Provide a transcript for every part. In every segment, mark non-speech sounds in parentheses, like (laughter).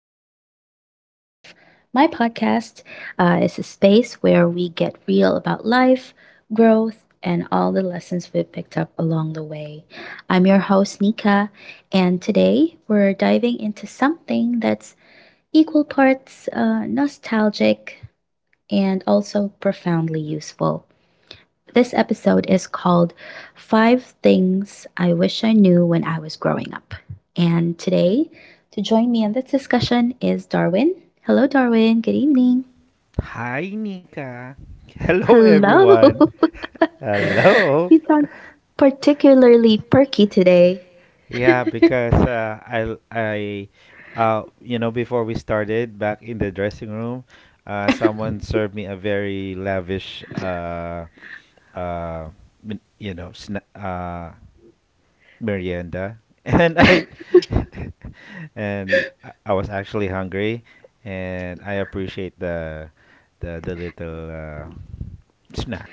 To another episode of my podcast. It's a space where we get real about life, growth, and all the lessons we've picked up along the way. I'm your host, Nika, and today we're diving into something that's equal parts nostalgic and also profoundly useful. This episode is called Five Things I Wish I Knew When I Was Growing Up. And today, to join me in this discussion is Darwin. Hello, Darwin. Good evening. Hi, Nika. Hello, Hello. everyone. (laughs) Hello. You sound particularly perky today. Because you know, before we started back in the dressing room, someone served me a very lavish, uh, min- you know, sna- uh, merienda, (laughs) and I, (laughs) and I was actually hungry, and I appreciate the little snack.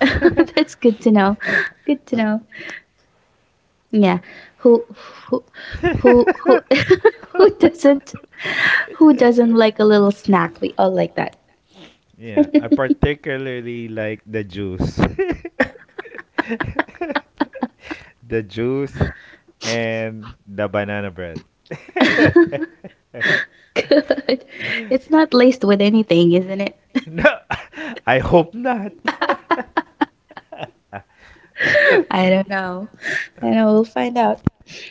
(laughs) That's (laughs) good to know. Good to know. Yeah. Who, who, (laughs) who, who, who (laughs) (laughs) who doesn't, who doesn't like a who little snack? We all like that. yeah, I particularly like the juice. (laughs) The juice and the banana bread. (laughs) (laughs) (laughs) Good. It's not laced with anything, isn't it? No, (laughs) I hope not. (laughs) (laughs) I I don't know. I know we'll find out.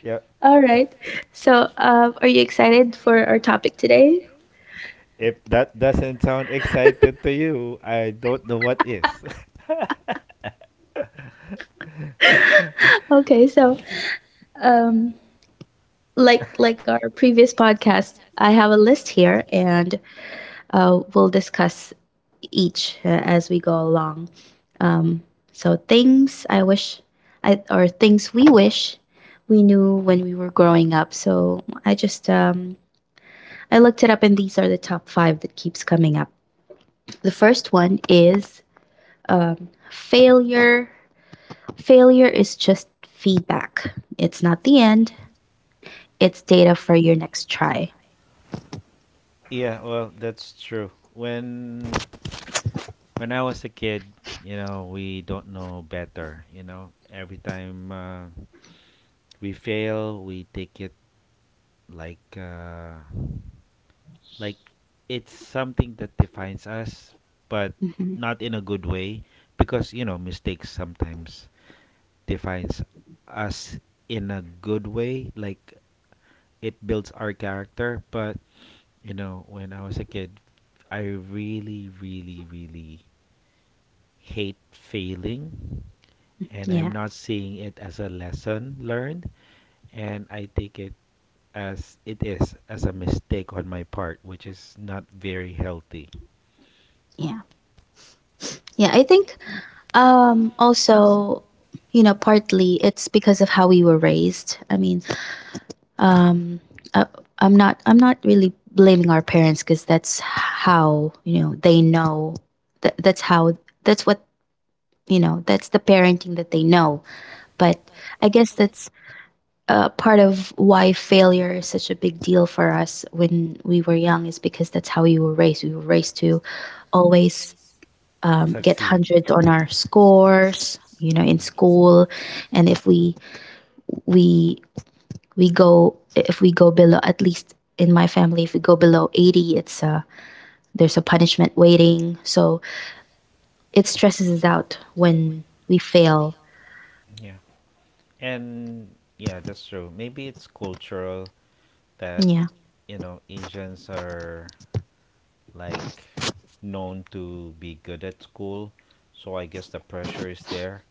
yeah, All right. So, are you excited for our topic today? if that doesn't sound excited to you, I don't know what is. (laughs) Okay. So, um, like our previous podcast, I have a list here, and we'll discuss each as we go along. Things I wish, I or things we wish we knew when we were growing up. So, I just I looked it up, and these are the top five that keeps coming up. The first one is Failure failure is just feedback. It's not the end. It's data for your next try. Yeah, well, that's true. When I was a kid, you know, we don't know better. You know, every time we fail, we take it like uh, like it's something that defines us, but Hmm not in a good way, because you know, mistakes sometimes defines us in a good way. Like it builds our character, but you know, when I was a kid, I really, really, really hate failing. And Yeah. I'm not seeing it as a lesson learned. And I take it as it is, as a mistake on my part, which is not very healthy. Yeah. Yeah, I think also, you know, partly it's because of how we were raised. I mean, um uh, I'm not really blaming our parents cuz that's how, you know, they know that that's how that's what, you know, that's the parenting that they know. But I guess that's part of why failure is such a big deal for us when we were young is because that's how we were raised. We were raised to always To We get succeed. hundreds on our scores, you know, You in know. school, Mhm. and if we we we go if we go below, at least in my family, if we go below 80, it's a, there's a punishment waiting, so it stresses us out when we fail. Yeah. And yeah, that's true. Maybe it's cultural that, Yeah. you know, Asians are like known to be good at school, so I guess the pressure is there.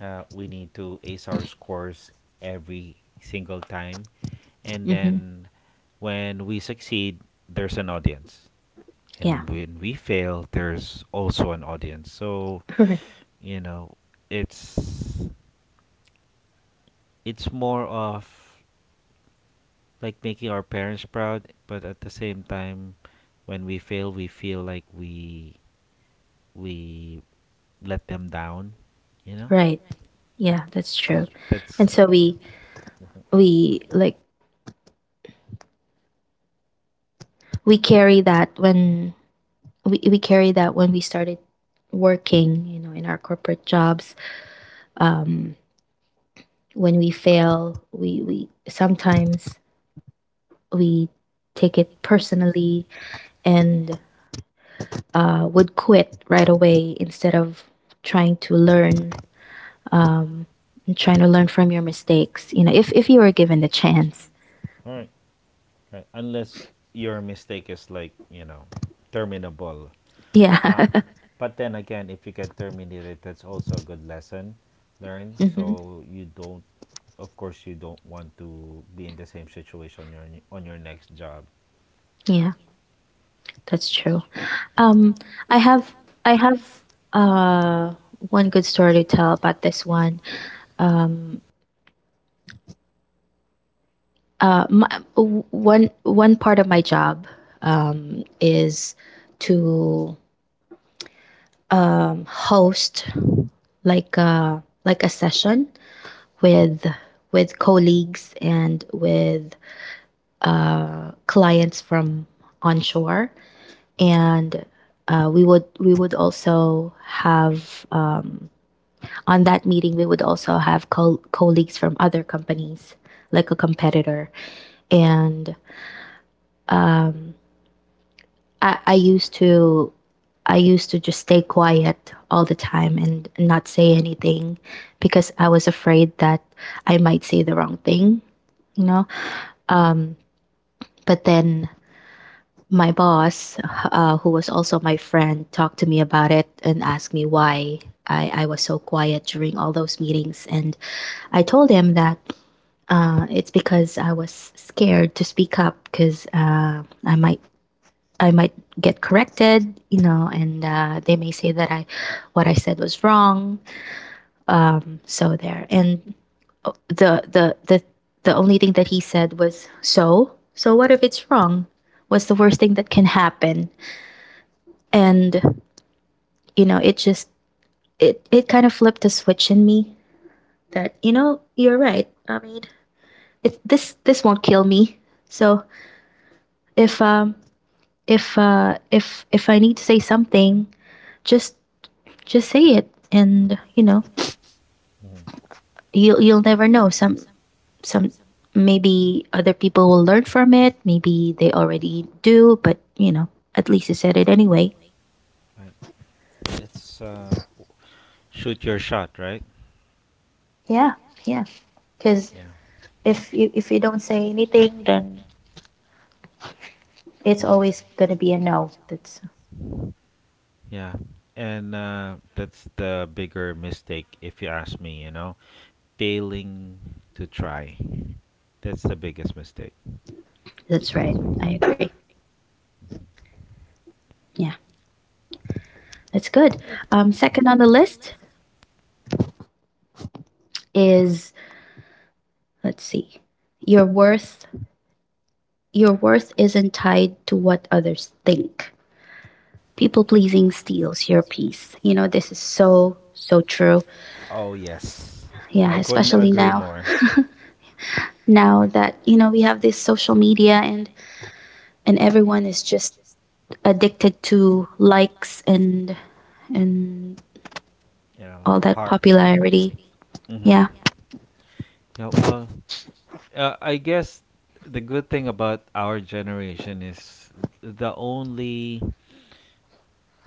We need to ace our scores every single time, and hmm then when we succeed, there's an audience, yeah and when we fail, there's also an audience. So (laughs) right you know, it's it's more of like making our parents proud, but at the same time, when we fail, we feel like we let them down, you know. right. Yeah, that's So true. that's. And so we we carry that when we carry that when we started working, you know, in our corporate jobs. um when we fail, we sometimes we take it personally, and would quit right away instead of trying to learn, um and trying to learn from your mistakes, you know, if you were given the chance. All right. Right. Unless your mistake is like, you know, terminable. Ah. (laughs) Yeah But then again, if you get terminated, that's also a good lesson learned. (laughs) hmm So you don't, of course you don't want to be in the same situation on your next job. yeah, that's true. Um, Mhm, I have, I have uh one good story to tell about this one. One part of my job is to host like a, like a session with with colleagues and with clients from onshore, and we would, we would also have on that meeting, we would also have colleagues from other companies, like a competitor. And I, I used to I used to just stay quiet all the time and not say anything because I was afraid that I might say the wrong thing, you know. But then my boss, who was also my friend, talked to me about it and asked me why I was so quiet during all those meetings. And I told him that it's because I was scared to speak up because uh, I might get corrected, you know, and they may say that I, what I said was wrong. So there, and the the the the only thing that he said was, so, so what if it's wrong? What's the worst thing that can happen? And, you know, it just, it kind of flipped a switch in me that, you know, you're right. I mean, it this this won't kill me. So if if I need to say something, just just say it, and, you know, mhm. You'll never know. Some maybe other people will learn from it, maybe they already do, but, you know, at least you said it anyway. Right. It's shoot your shot, right? Yeah, yeah. Cuz Yeah, if you don't say anything, then it's yes. Mhm. always going to be a no. That's Yeah. And that's the bigger mistake if you ask me, you know. Failing to try. That's the biggest mistake. That's right. I agree. Yeah, that's good. Second on the list is, let's see. You're worth Your worth isn't tied to what others think. People pleasing steals your peace. You know, this is so, so true. Oh, yes. Yeah, I couldn't especially agree now. more. Now that, you know, we have this social media and everyone is just addicted to likes and You know, all that hard. popularity. Hmm. Yeah. Yeah, well, I guess the good thing about our generation is the only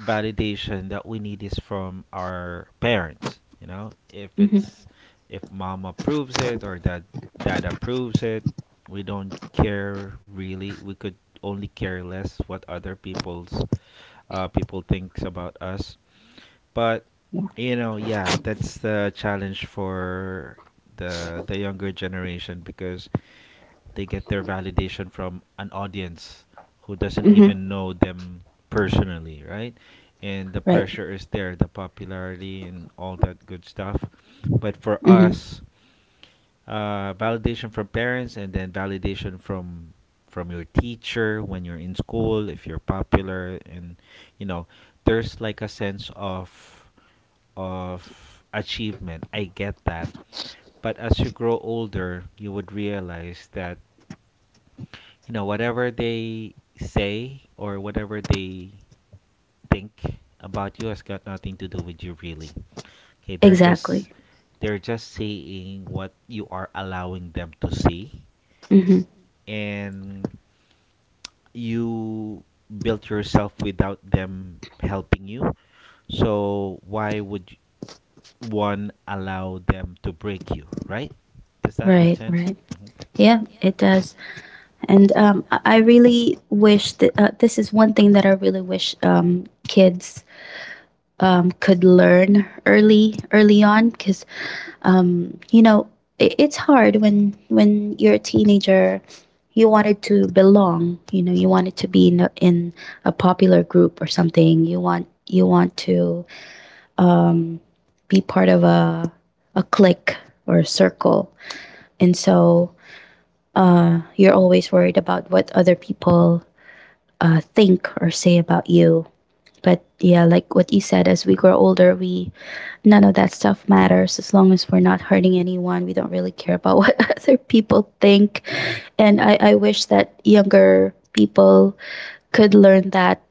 validation that we need is from our parents, you know, if Mm-hmm. it's if mom approves it or that dad approves it, we don't care really. We could only care less what other people's people thinks about us. But Yeah. you know, yeah, that's the challenge for the younger generation because they get their validation from an audience who doesn't Mm-hmm. even know them personally, right? And the Right. pressure is there, the popularity and all that good stuff. But for Mm-hmm. us, validation from parents and then validation from your teacher when you're in school, if you're popular, and you know, there's like a sense of achievement. I get that. But as you grow older, you would realize that you know whatever they say or whatever they think about you has got nothing to do with you really. Okay, they're just Exactly. exactly. They're just seeing what you are allowing them to see, Mm-hmm. and you built yourself without them helping you. So why would one allow them to break you, right? Does that make Right, I sense right. agree. Hmm. Yeah, it does. And um, I really wish that this is one thing that I really wish kids could learn early, early on, because you know, it's hard when you're a teenager. You wanted to belong, you know. You wanted to be in a popular group or something. You want, you want to um, be part of a clique or a circle, and so you're always worried about what other people think or say about you. But yeah, like what you said, as we grow older, we, none of that stuff matters as long as we're not hurting anyone. We don't really care about (laughs) what other people think. And I wish that younger people could learn that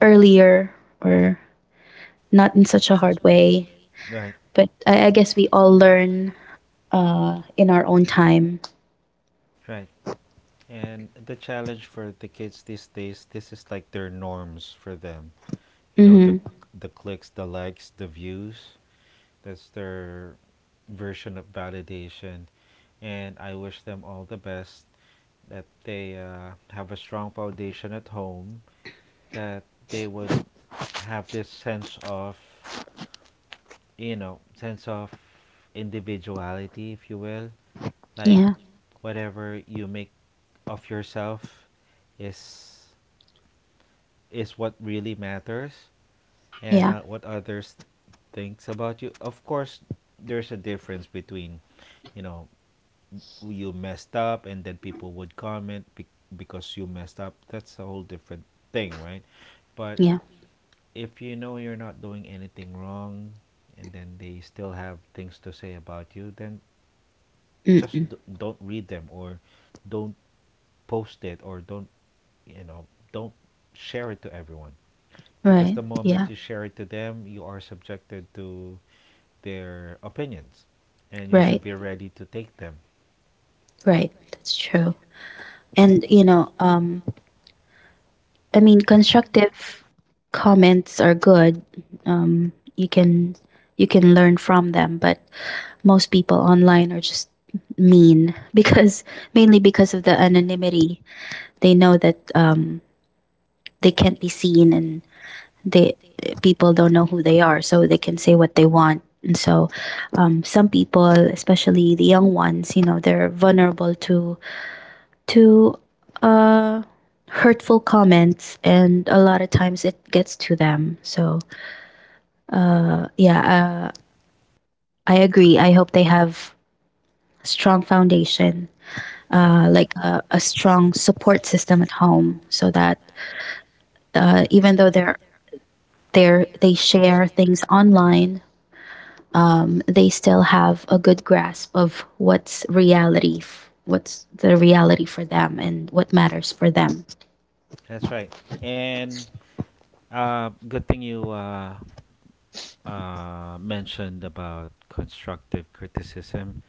earlier, or not in such a hard way. Right, But I guess we all learn in our own time. right. And the challenge for the kids these days, this is like their norms for them. You know, the Mm-hmm. hmm the clicks, the likes, the views. That's their version of validation. And I wish them all the best. That they have a strong foundation at home. That they would have this sense of, you know, sense of individuality, if you will. Like Yeah, whatever you make of yourself is. Is what really matters and yeah, not what others thinks about you. Of course, there's a difference between, you know, you messed up and then people would because you messed up. That's a whole different thing, right? But yeah. if you know you're not doing anything wrong and then they still have things to say about you, then just Mm-mm. Don't read them or don't post it or don't, you know, don't share it to everyone. Because Right, the yeah, moment you share it to them, you are subjected to their opinions, and you right, should be ready to take them. right. That's true. And you know, I mean, constructive comments are good. You can, you can learn from them, but most people online are just mean (laughs) because, mainly because of the anonymity. They know that they can't be seen, and they, people don't know who they are, so they can say what they want. And so, some people, especially the young ones, you know, they're vulnerable to hurtful comments, and a lot of times it gets to them. So yeah, I agree. I hope they have strong foundation, Right? Like a strong support system at home, so that even though they share things online, they still have a good grasp of what's reality, what's the reality for them, and what matters for them. That's right. And good thing you mentioned about constructive criticism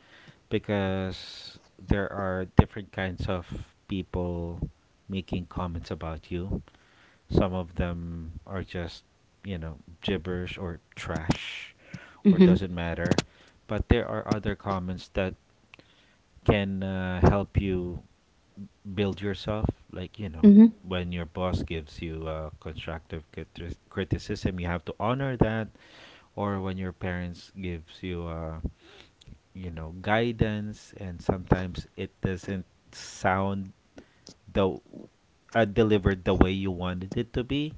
because there are different kinds of people making comments about you. Some of them are just, you know, gibberish or trash or Mm-hmm. doesn't matter. But there are other comments that can help you build yourself. Like, you know, Mm-hmm. when your boss gives you constructive criticism, you have to honor that. Or when your parents gives you, you know, guidance, and sometimes it doesn't sound the delivered the way you wanted it to be.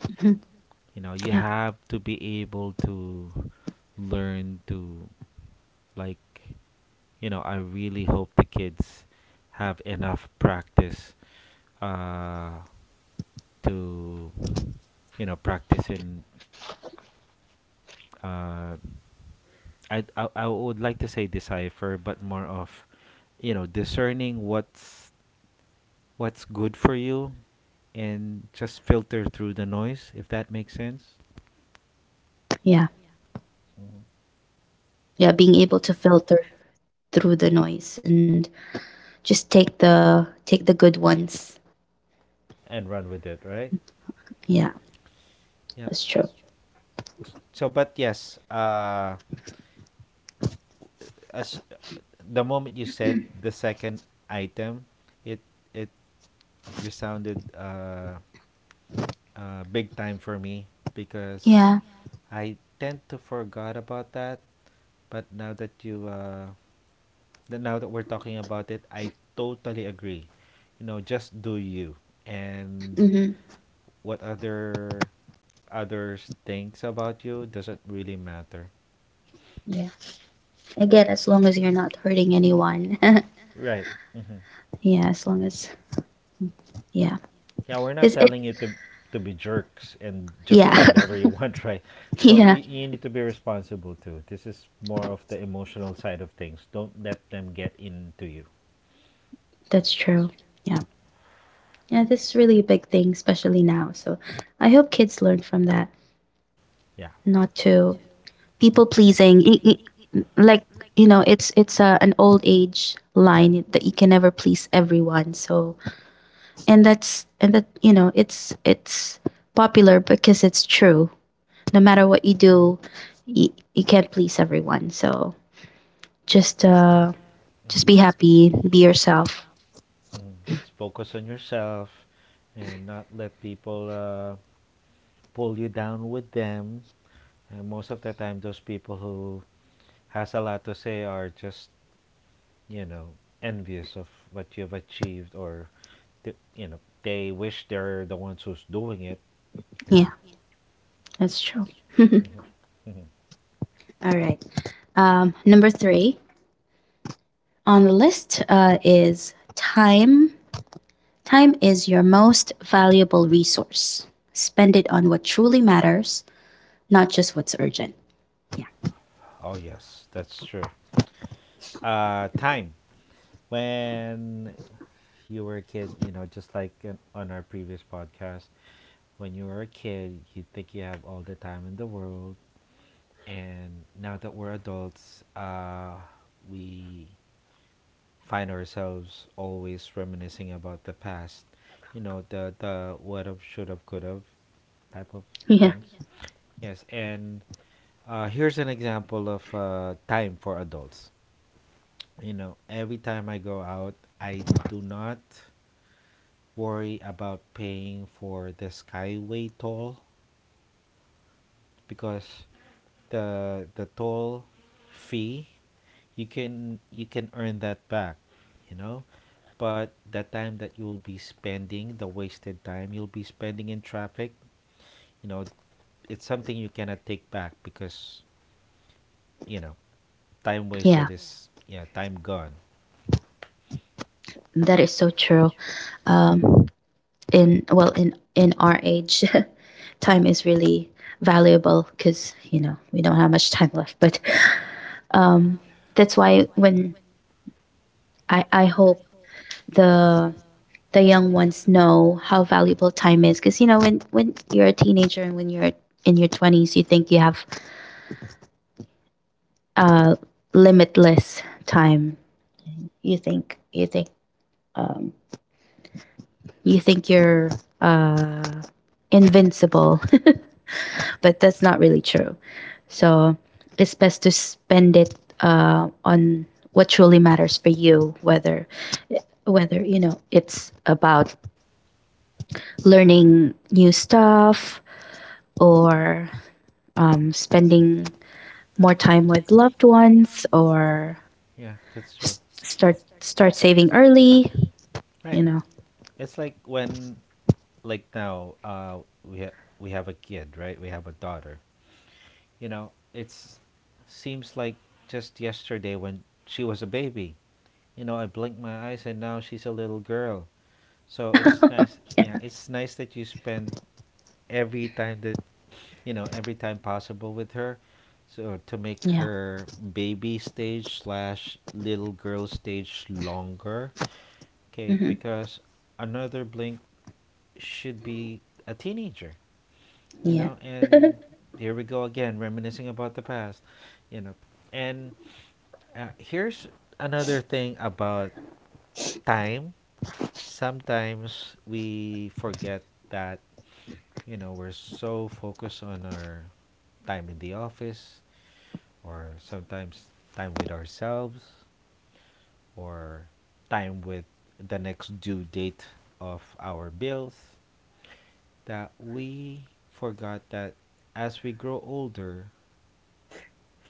Mm-hmm. You know, you Yeah. have to be able to learn to. Like, you know, I really hope the kids have enough practice uh, to, you know, practice in. Uh, I would like to say decipher, but more of you know discerning what's good for you, and just filter through the noise if that makes sense, Yeah. Yeah. Being able to filter through the noise and just take the, take the good ones. and run with it, right? Yeah, that's Yep. true. So, but yes, as the moment you said the second item, it it resounded big time for me because Yeah. I tend to forgot about that. But now that we're talking about it, I totally agree. You know, just do you, and Mm-hmm. what others thinks about you doesn't really matter. Yeah. Again, as long as you're not hurting anyone. (laughs) Right. Hmm. (laughs) Yeah, as long as, yeah, Yeah, we're not because it, telling you to be jerks and just do yeah. whatever you want, (laughs) right? So (laughs) Yeah, you need to be responsible too. This is more of the emotional side of things. Don't let them get into you. that's true. Yeah. Yeah, this is really a big thing, especially now. So, I hope kids learn from that, Yeah. not to people pleasing. Like you know, it's a, an old age line that you can never please everyone. So, and that's, and that, you know, it's popular because it's true. No matter what you do, you can't please everyone. So just uh just be Mm-hmm. happy, be yourself. Mm-hmm. Just focus on yourself and not let people pull you down with them. And most of the time, those people who has a lot to say are just you know envious of what you have achieved, or you know they wish they're the ones who's doing it. You Yeah, know. that's true. (laughs) All Mhm, mhm. right. Number three on the list, is time. Time is your most valuable resource. Spend it on what truly matters, not just what's urgent. Yeah, Oh yes, that's true. Time, when you were a kid, you know, just like in, on our previous podcast, when you were a kid, you think you have all the time in the world, and now that we're adults, we find ourselves always reminiscing about the past. You know, the what have, should have, could have, type of yeah. things. Yeah. Yes, and here's an example of time for adults. You know, every time I go out, I do not worry about paying for the skyway toll because the toll fee you can earn that back, you know. But the time that you'll be spending, the wasted time you'll be spending in traffic, you know, it's something you cannot take back because, you know, time Yeah, wasted yeah. Is yeah, time gone. that is so true. Um in well In our age, (laughs) time is really valuable, because, you know, we don't have much time left. But um that's why when, I hope the the young ones know how valuable time is, because, you know, when you're a teenager and when you're in your 20s, you think you have uh limitless time. You think you think um you think you're uh invincible, but that's not really true. So it's best to spend it on what truly matters for you, whether, whether, you know, it's about learning new stuff, or spending more time with loved ones, or Yeah, that's true. Start saving early. You Right. know, It's like when, like now, we have a kid, right? We have a daughter. You know, it's seems like just yesterday when she was a baby. You know, I blinked my eyes and now she's a little girl. So it's nice. Yeah, it's nice that you spend every time that you know every time possible with her, so to make yeah, her baby stage slash little girl stage longer. Okay, hmm because another blink should be a teenager, you yeah. know, and here we go again, reminiscing about the past, you know. And here's another thing about time. Sometimes we forget that, you know, we're so focused on our time in the office, or sometimes time with ourselves, or time with the next due date of our bills, that we forgot that as we grow older,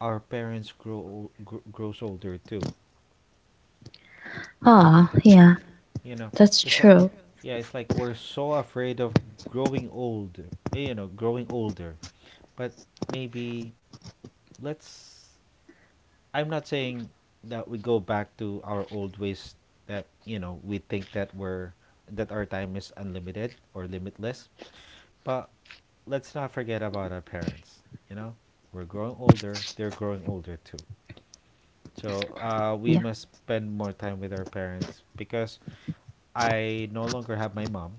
our parents grows older too. Ah, oh, yeah, You know, that's it's like true. yeah, it's like we're so afraid of growing old, eh, you know, growing older. But maybe let's, I'm not saying that we go back to our old ways that, you know, we think that we're that our time is unlimited or limitless, but let's not forget about our parents. You know, we're growing older, they're growing older too. So we Yeah, must spend more time with our parents because I no longer have my mom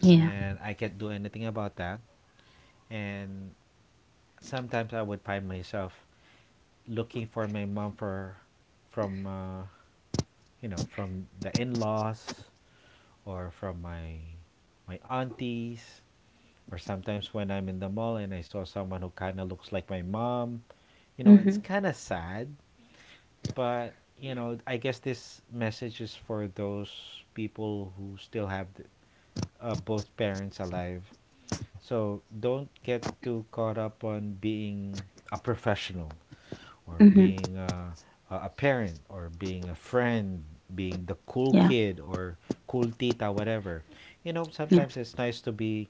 yeah. and I can't do anything about that. And sometimes I would find myself looking for my mom for from you know from the in-laws or from my aunties. Or sometimes when I'm in the mall and I saw someone who kind of looks like my mom, you know, it's Mm-hmm. kind of sad, but you know, I guess this message is for those people who still have both parents alive. So don't get too caught up on being a professional or Mm-hmm. being a parent or being a friend, being the cool Yeah, kid or cool tita, whatever. You know, yeah. sometimes it's nice to be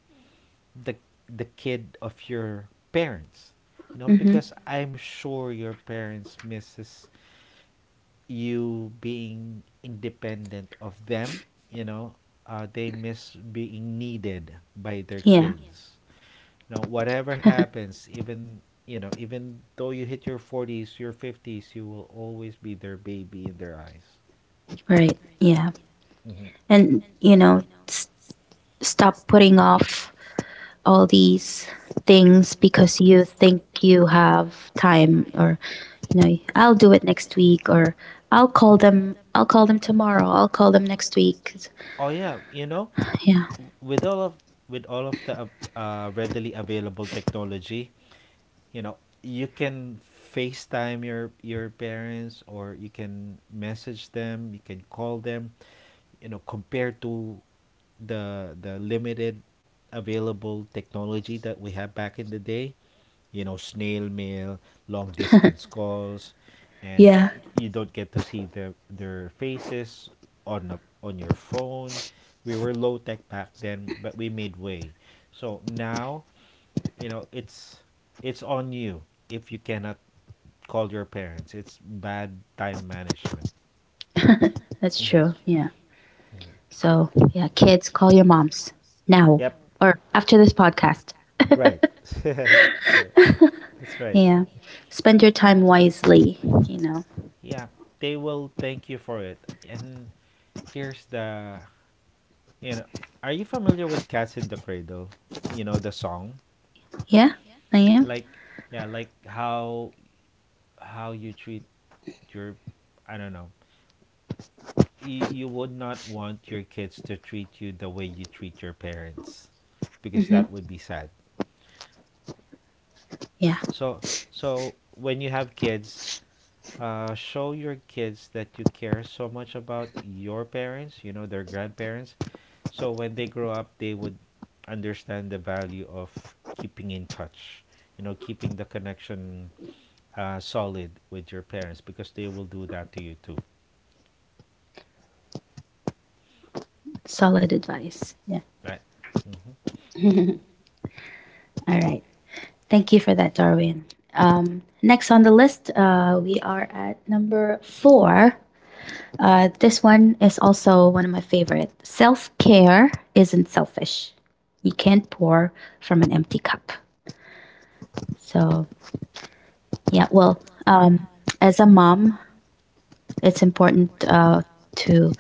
the the kid of your parents. You know, Mm-hmm. because I'm sure your parents misses you being independent of them. You know, they miss being needed by their Yeah, kids. You know, whatever (laughs) happens, even you know, even though you hit your 40s, your 50s, you will always be their baby in their eyes. right. Yeah. Hmm. And, you know, s- stop putting off all these things because you think you have time, or, you know, I'll do it next week, or I'll call them tomorrow, I'll call them next week. It's, Oh yeah, you know. yeah, Yeah. With all of the readily available technology, you know, you can FaceTime your parents, or you can message them, you can call them, you know, compared to the limited available technology that we have back in the day, you know, snail mail, long distance calls, and yeah, you don't get to see their faces on your phone. We were low tech back then, but we made way. So now, you know, it's on you. If you cannot call your parents, it's bad time management. that's Mhm. true. Yeah. Mhm. So yeah, kids, call your moms now, Yep. or after this podcast. Right. (laughs) Sure. That's right. Yeah. Spend your time wisely, you know. Yeah, they will thank you for it. And here's the, you know, are you familiar with Cats in the Cradle, you know, the song? Yeah, I Yeah. am. Like how you treat your, I don't know, you would not want your kids to treat you the way you treat your parents, because Mm-hmm. that would be sad. Yeah. So when you have kids, show your kids that you care so much about your parents, you know, their grandparents, so when they grow up they would understand the value of keeping in touch, you know, keeping the connection solid with your parents, because they will do that to you too. Solid advice. Yeah. Right. Mhm. (laughs) All right. Thank you for that, Darwin. Next on the list, we are at number four. This one is also one of my favorite. Self care isn't selfish. You can't pour from an empty cup. So, yeah, um, as a mom, it's important to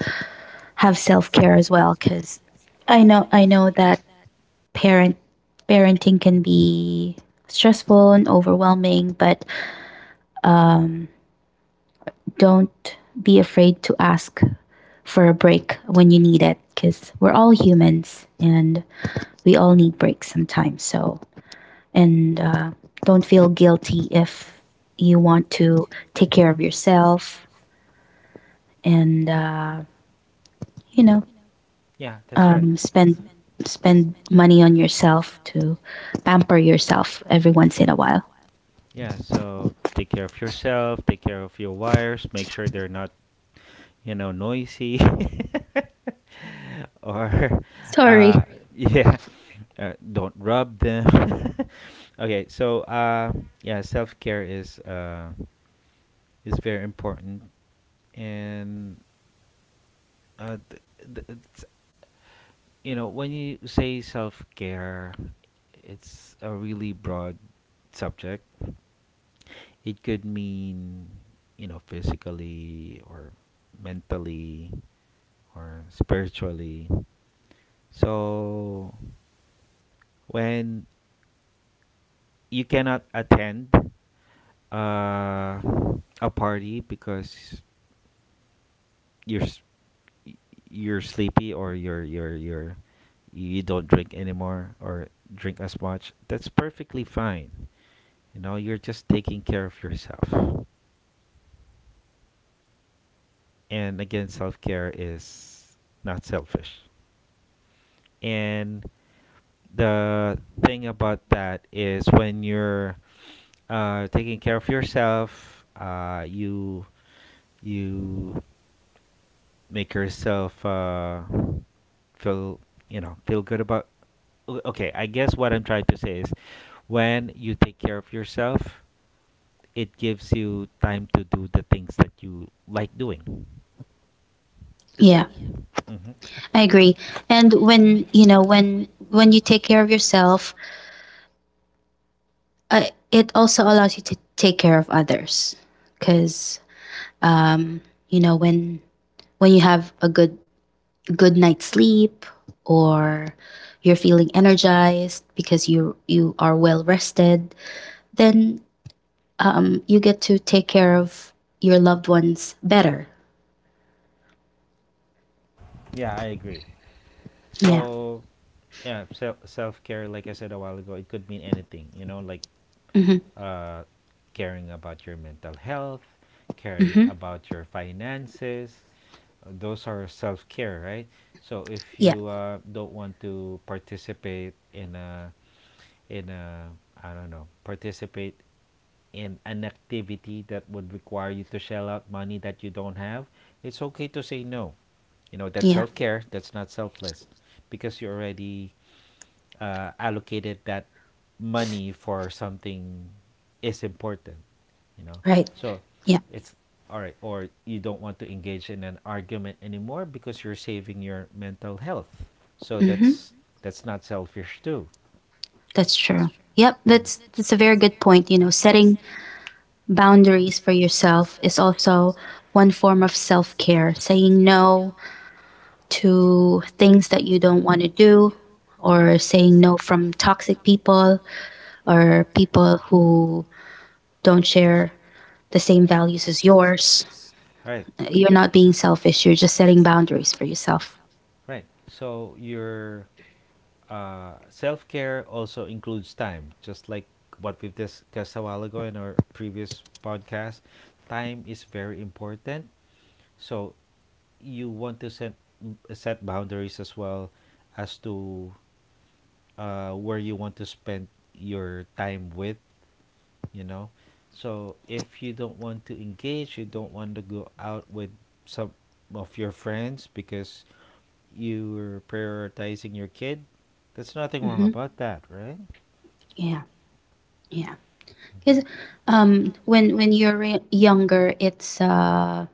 have self care as well because I know that parent parenting can be stressful and overwhelming, but don't be afraid to ask for a break when you need it because we're all humans and we all need breaks sometimes. So, and don't feel guilty if you want to take care of yourself and, you know, Yeah, that's right. um, spend spend money on yourself to pamper yourself every once in a while. Yeah, so take care of yourself, take care of your wires, make sure they're not, you know, noisy. (laughs) Or Sorry. uh yeah, don't rub them. (laughs) Okay, so yeah, self-care is very important. And it's, you know, when you say self-care, it's a really broad subject. It could mean, you know, physically or mentally or spiritually. So when you cannot attend uh, a party because you're s- y- you're sleepy, or you're you don't drink anymore or drink as much, that's perfectly fine. You know, you're just taking care of yourself. And again, self-care is not selfish. And the thing about that is, when you're taking care of yourself, you you make yourself, feel, you know, feel good about, okay, I guess what I'm trying to say is, when you take care of yourself, it gives you time to do the things that you like doing. Yeah, Hmm. I agree. And when when you take care of yourself, it also allows you to take care of others. Because you know when when you have a good night's sleep or you're feeling energized because you are well rested, then you get to take care of your loved ones better. Yeah, I agree. Yeah. So yeah, self care, like I said a while ago, it could mean anything, you know, like Mm-hmm. uh caring about your mental health, caring Mm-hmm. about your finances. Those are self care, right? So if Yeah. you don't want to participate in a, in a I don't know, participate in an activity that would require you to shell out money that you don't have, it's okay to say no. You know, that's Yeah. self care, that's not selfless. Because you already allocated that money for something is important, you know. Right. So Yeah. it's all right. Or you don't want to engage in an argument anymore because you're saving your mental health, so Mm-hmm. that's not selfish too. That's true. Yep, Mm. Mm. that's a very good point. You know, setting boundaries for yourself is also one form of self-care. Saying no to things that you don't want to do or saying no from toxic people or people who don't share the same values as yours. Right. You're not being selfish. You're just setting boundaries for yourself. Right, so you're, self care also includes time, just like what we've discussed a while ago in our previous podcast. Time is very important, so you want to set boundaries as well as to where you want to spend your time with. You know, so if you don't want to engage, you don't want to go out with some of your friends because you're prioritizing your kid, there's nothing wrong Hmm about that, right? Yeah, yeah. Because Mhm. When younger,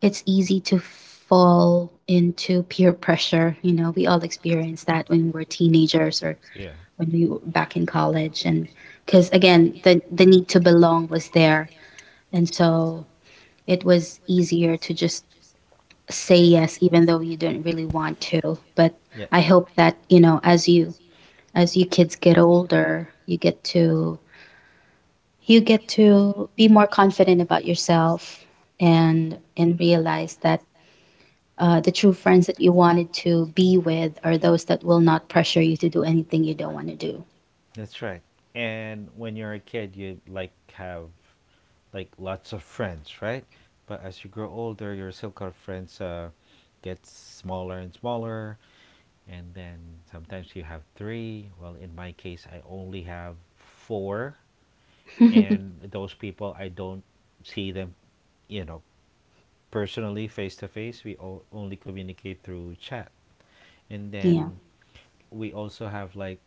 it's easy to fall into peer pressure. You know, we all experience that when we're teenagers or Yeah. when we were back in college. And because again, the need to belong was there, and so it was easier to just say yes, even though you didn't really want to. But Yeah. I hope that you know, as you kids get older, you get to be more confident about yourself and realize that the true friends that you wanted to be with are those that will not pressure you to do anything you don't want to do. That's right. And when you're a kid, you like have like lots of friends, right? But as you grow older, your circle of friends gets smaller and smaller, and then sometimes you have three. Well, in my case, I only have four, (laughs) and those people, I don't see them, you know, personally, face to face, we all only communicate through chat. And Yeah, then we also have like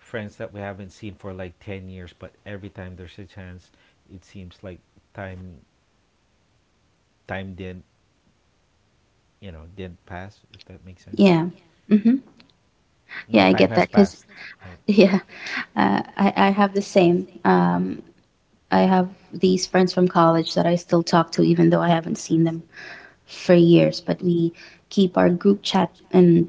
friends that we haven't seen for like 10 years, but every time there's a chance, it seems like time time didn't, you know, didn't pass, if that makes sense. yeah, hmm yeah. No I time get has that because passed. Yes. Right. (laughs) yeah, I have the same. I have these friends from college that I still talk to, even though I haven't seen them for years. But we keep our group chat and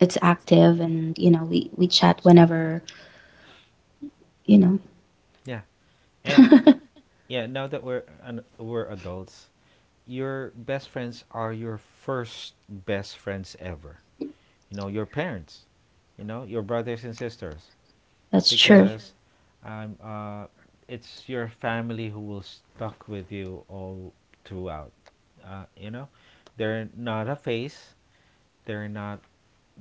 it's active, and we chat whenever you know. Yeah. And (laughs) yeah, now that we're we're adults, your best friends are your first best friends ever, you know, your parents, you know, your brothers and sisters, That's true. because um, uh, it's your family who will stuck with you all throughout. You know, they're not a phase. They're not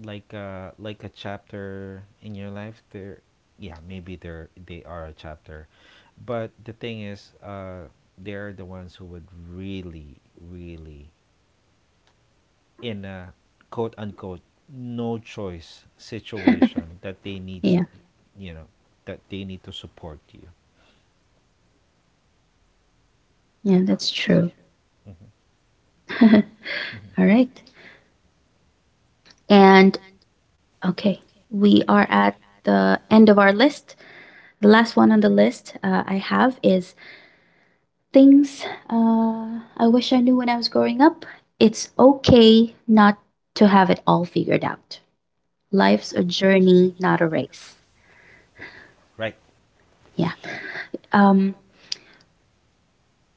like a chapter in your life. They're, yeah, maybe they are a chapter, but the thing is, they're the ones who would really, really, in a quote unquote no choice (laughs) situation, that they need Yeah, to, you know, that they need to support you. yeah, that's true. Mm-hmm. (laughs) All Mm-hmm. right. And okay, we are at the end of our list. The last one on the list I have is things I wish I knew when I was growing up. It's okay not to have it all figured out. Life's a journey, not a race. Right. Yeah. Um.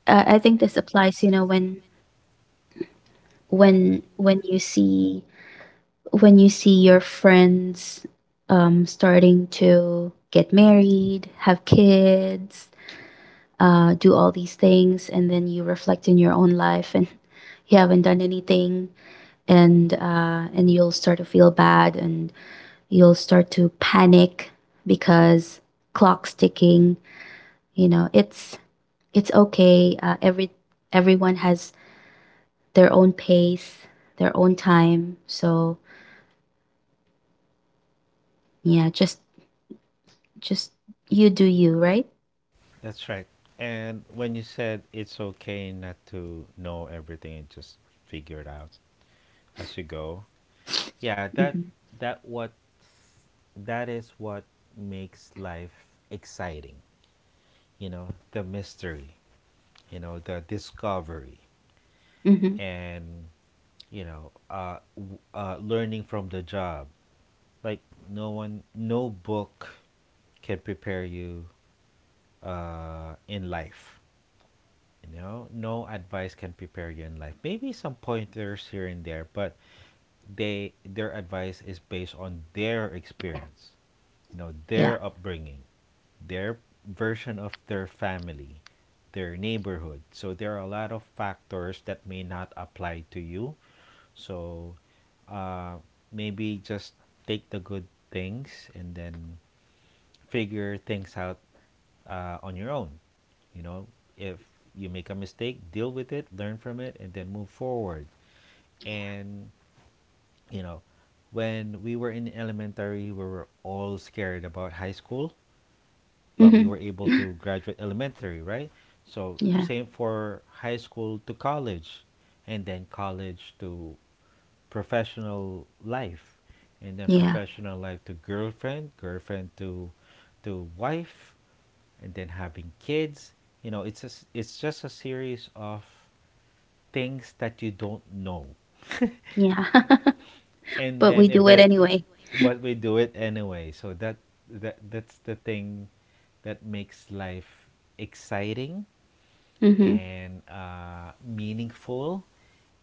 I think this applies. You know, when when you see when you see your friends starting to get married, have kids, do all these things, and then you reflect in your own life, and (laughs) you haven't done anything, and you'll start to feel bad, and you'll start to panic because clock's ticking. You know, it's okay. Everyone has their own pace, their own time. So yeah, just you do you, right? That's right. And when you said it's okay not to know everything and just figure it out as you go, yeah, Mm-hmm. that what, that is what makes life exciting, you know, the mystery, you know, the discovery. Mm-hmm. And you know, learning from the job, like, no one, no book can prepare you in life. You know, no advice can prepare you in life, maybe some pointers here and there, but they, their advice is based on their experience, you know, Yeah. their upbringing, their version of their family, their neighborhood, so there are a lot of factors that may not apply to you. So uh, maybe just take the good things, and then figure things out on your own. You know, if you make a mistake, deal with it, learn from it, and then move forward. And, you know, when we were in elementary, we were all scared about high school, but we Mm-hmm. were able to graduate elementary, right? So, Yeah. same for high school to college, and then college to professional life, and then Yeah. professional life to girlfriend, to wife, and then having kids. You know, it's it's just a series of things that you don't know. Yeah. (laughs) (laughs) and But we then do it event anyway. But we do it anyway, so that that's the thing that makes life exciting Mm-hmm. and meaningful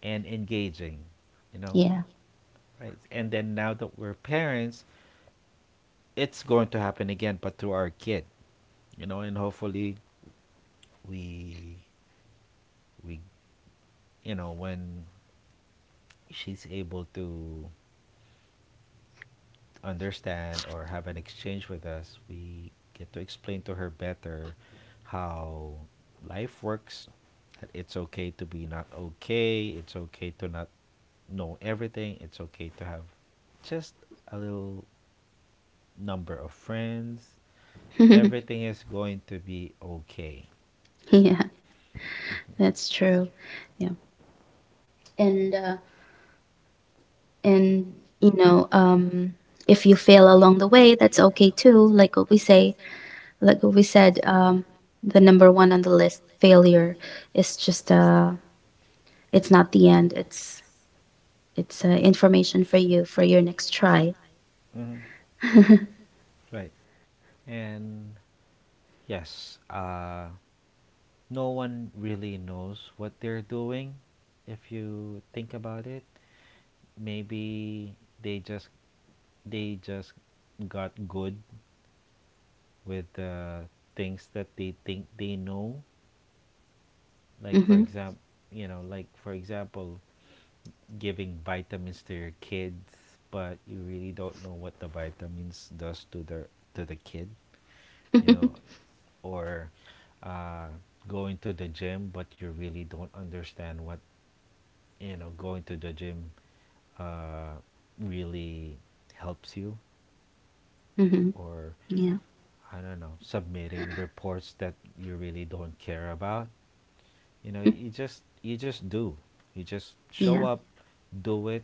and engaging, you know. Yeah. Right? And then now that we're parents, it's going to happen again, but through our kid, you know. And hopefully, we, we, you know, when she's able to understand or have an exchange with us, we get to explain to her better how life works. That it's okay to be not okay. It's okay to not know everything. It's okay to have just a little number of friends. (laughs) Everything is going to be okay. Yeah, Mm-hmm. that's true. Yeah. And uh, and you know, if you fail along the way, that's okay too. Like what we said, the number one on the list, failure is just it's not the end. It's information for you for your next try. Mm-hmm. (laughs) Right. And yes, no one really knows what they're doing, if you think about it. Maybe they just they just got good with the things that they think they know. Like for mhm. example, you know, like for example, giving vitamins to your kids, but you really don't know what the vitamins does to their, to the kid, you know, (laughs) or uh, going to the gym, but you really don't understand what, you know, going to the gym uh, really helps you, mhm. or Yeah. I don't know, submitting reports that you really don't care about. You know, (laughs) you just do. You just show Yeah, up, do it,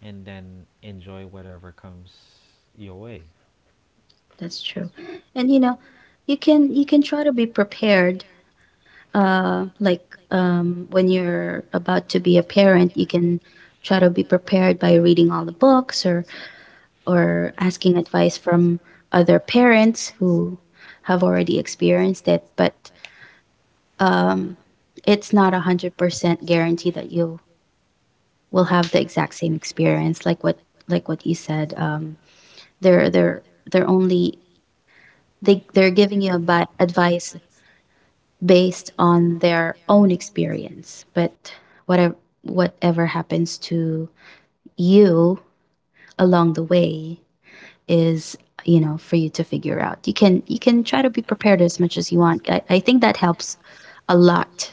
and then enjoy whatever comes your way. that's true. And you know, you can try to be prepared like when you're about to be a parent you can try to be prepared by reading all the books or asking advice from other parents who have already experienced it but um it's not 100% guarantee that you will have the exact same experience like what you said they're they're they're only they're giving you a bad advice based on their own experience. But whatever whatever happens to you along the way is you know for you to figure out you can try to be prepared as much as you want I think that helps a lot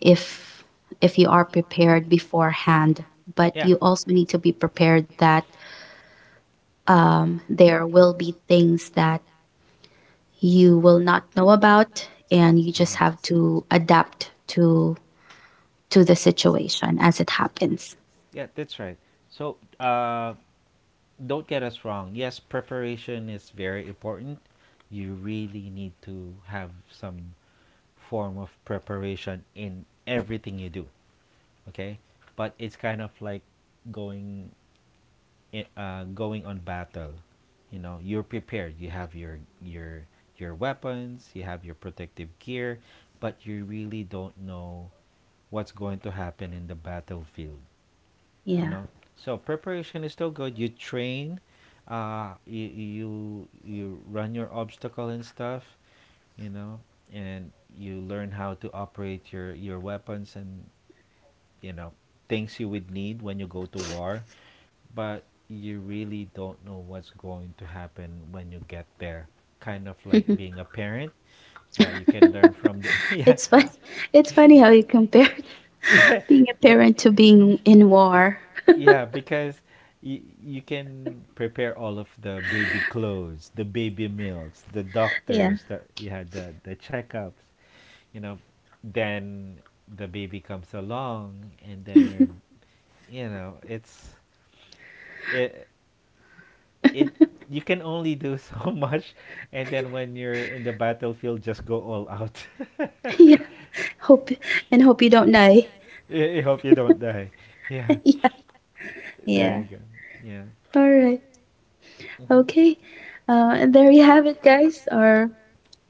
if if you are prepared beforehand but Yeah, you also need to be prepared that there will be things that you will not know about and you just have to adapt to the situation as it happens. yeah, that's right. So, don't get us wrong. Yes, preparation is very important. You really need to have some form of preparation in everything you do. Okay, but it's kind of like going going on battle. You know, you're prepared, you have your your weapons, you have your protective gear, but you really don't know what's going to happen in the battlefield, you Yeah. know. So preparation is still good. You train, you run your obstacle and stuff, you know, and you learn how to operate your weapons, and, you know, things you would need when you go to war, but you really don't know what's going to happen when you get there. Kind of like (laughs) being a parent. Yeah, you can learn from the (laughs) yeah. It's fun. (laughs) It's Yeah. funny how you compared can put (laughs) (laughs) being a yeah eh, parent to being in war. yeah, because you can prepare all of the baby clothes, the baby meals, the Yeah. (laughs) doctors, the, yeah, the checkups, you know. Then the baby comes along, and then you're, you know, it's it it you can only do so (laughs) much. And then when you're in the battlefield, just go all out. Yeah. Hope and hope you don't die. I hope you don't die. (laughs) Yeah. (laughs) Yeah. There Yeah. you go. Yeah. All right. Mhm. Okay. And there you have it, guys. Our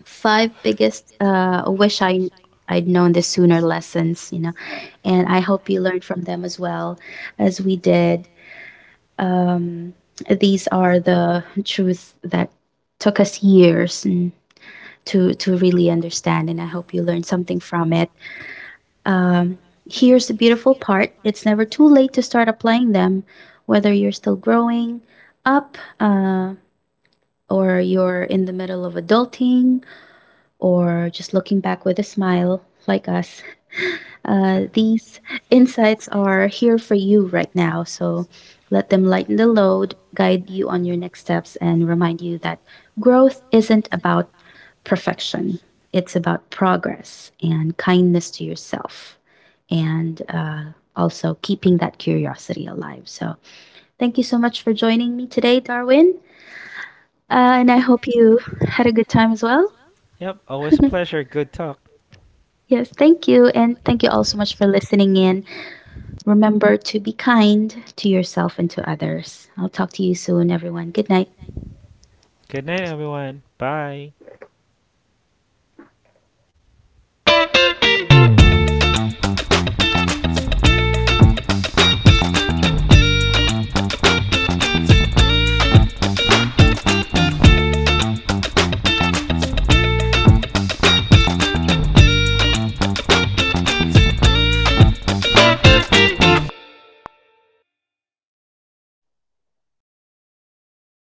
5 biggest wish I'd known this sooner lessons, you know, and I hope you learned from them as well as we did. Um, these are the truths that took us years to really understand, and I hope you learned something from it. Um, here's the beautiful part: it's never too late to start applying them, whether you're still growing up. Or you're in the middle of adulting, or just looking back with a smile like us. These (laughs) insights are here for you right now, so let them lighten the load, guide you on your next steps, and remind you that growth isn't about perfection. It's about progress and kindness to yourself, and also keeping that curiosity alive. So, thank you so much for joining me today, Darwin. And I hope you had a good time as well. Yep. Always a pleasure. Good talk. Yes, thank you. And thank you all so much for listening in. Remember to be kind to yourself and to others. I'll talk to you soon, everyone. Good night. Good night, everyone. Bye.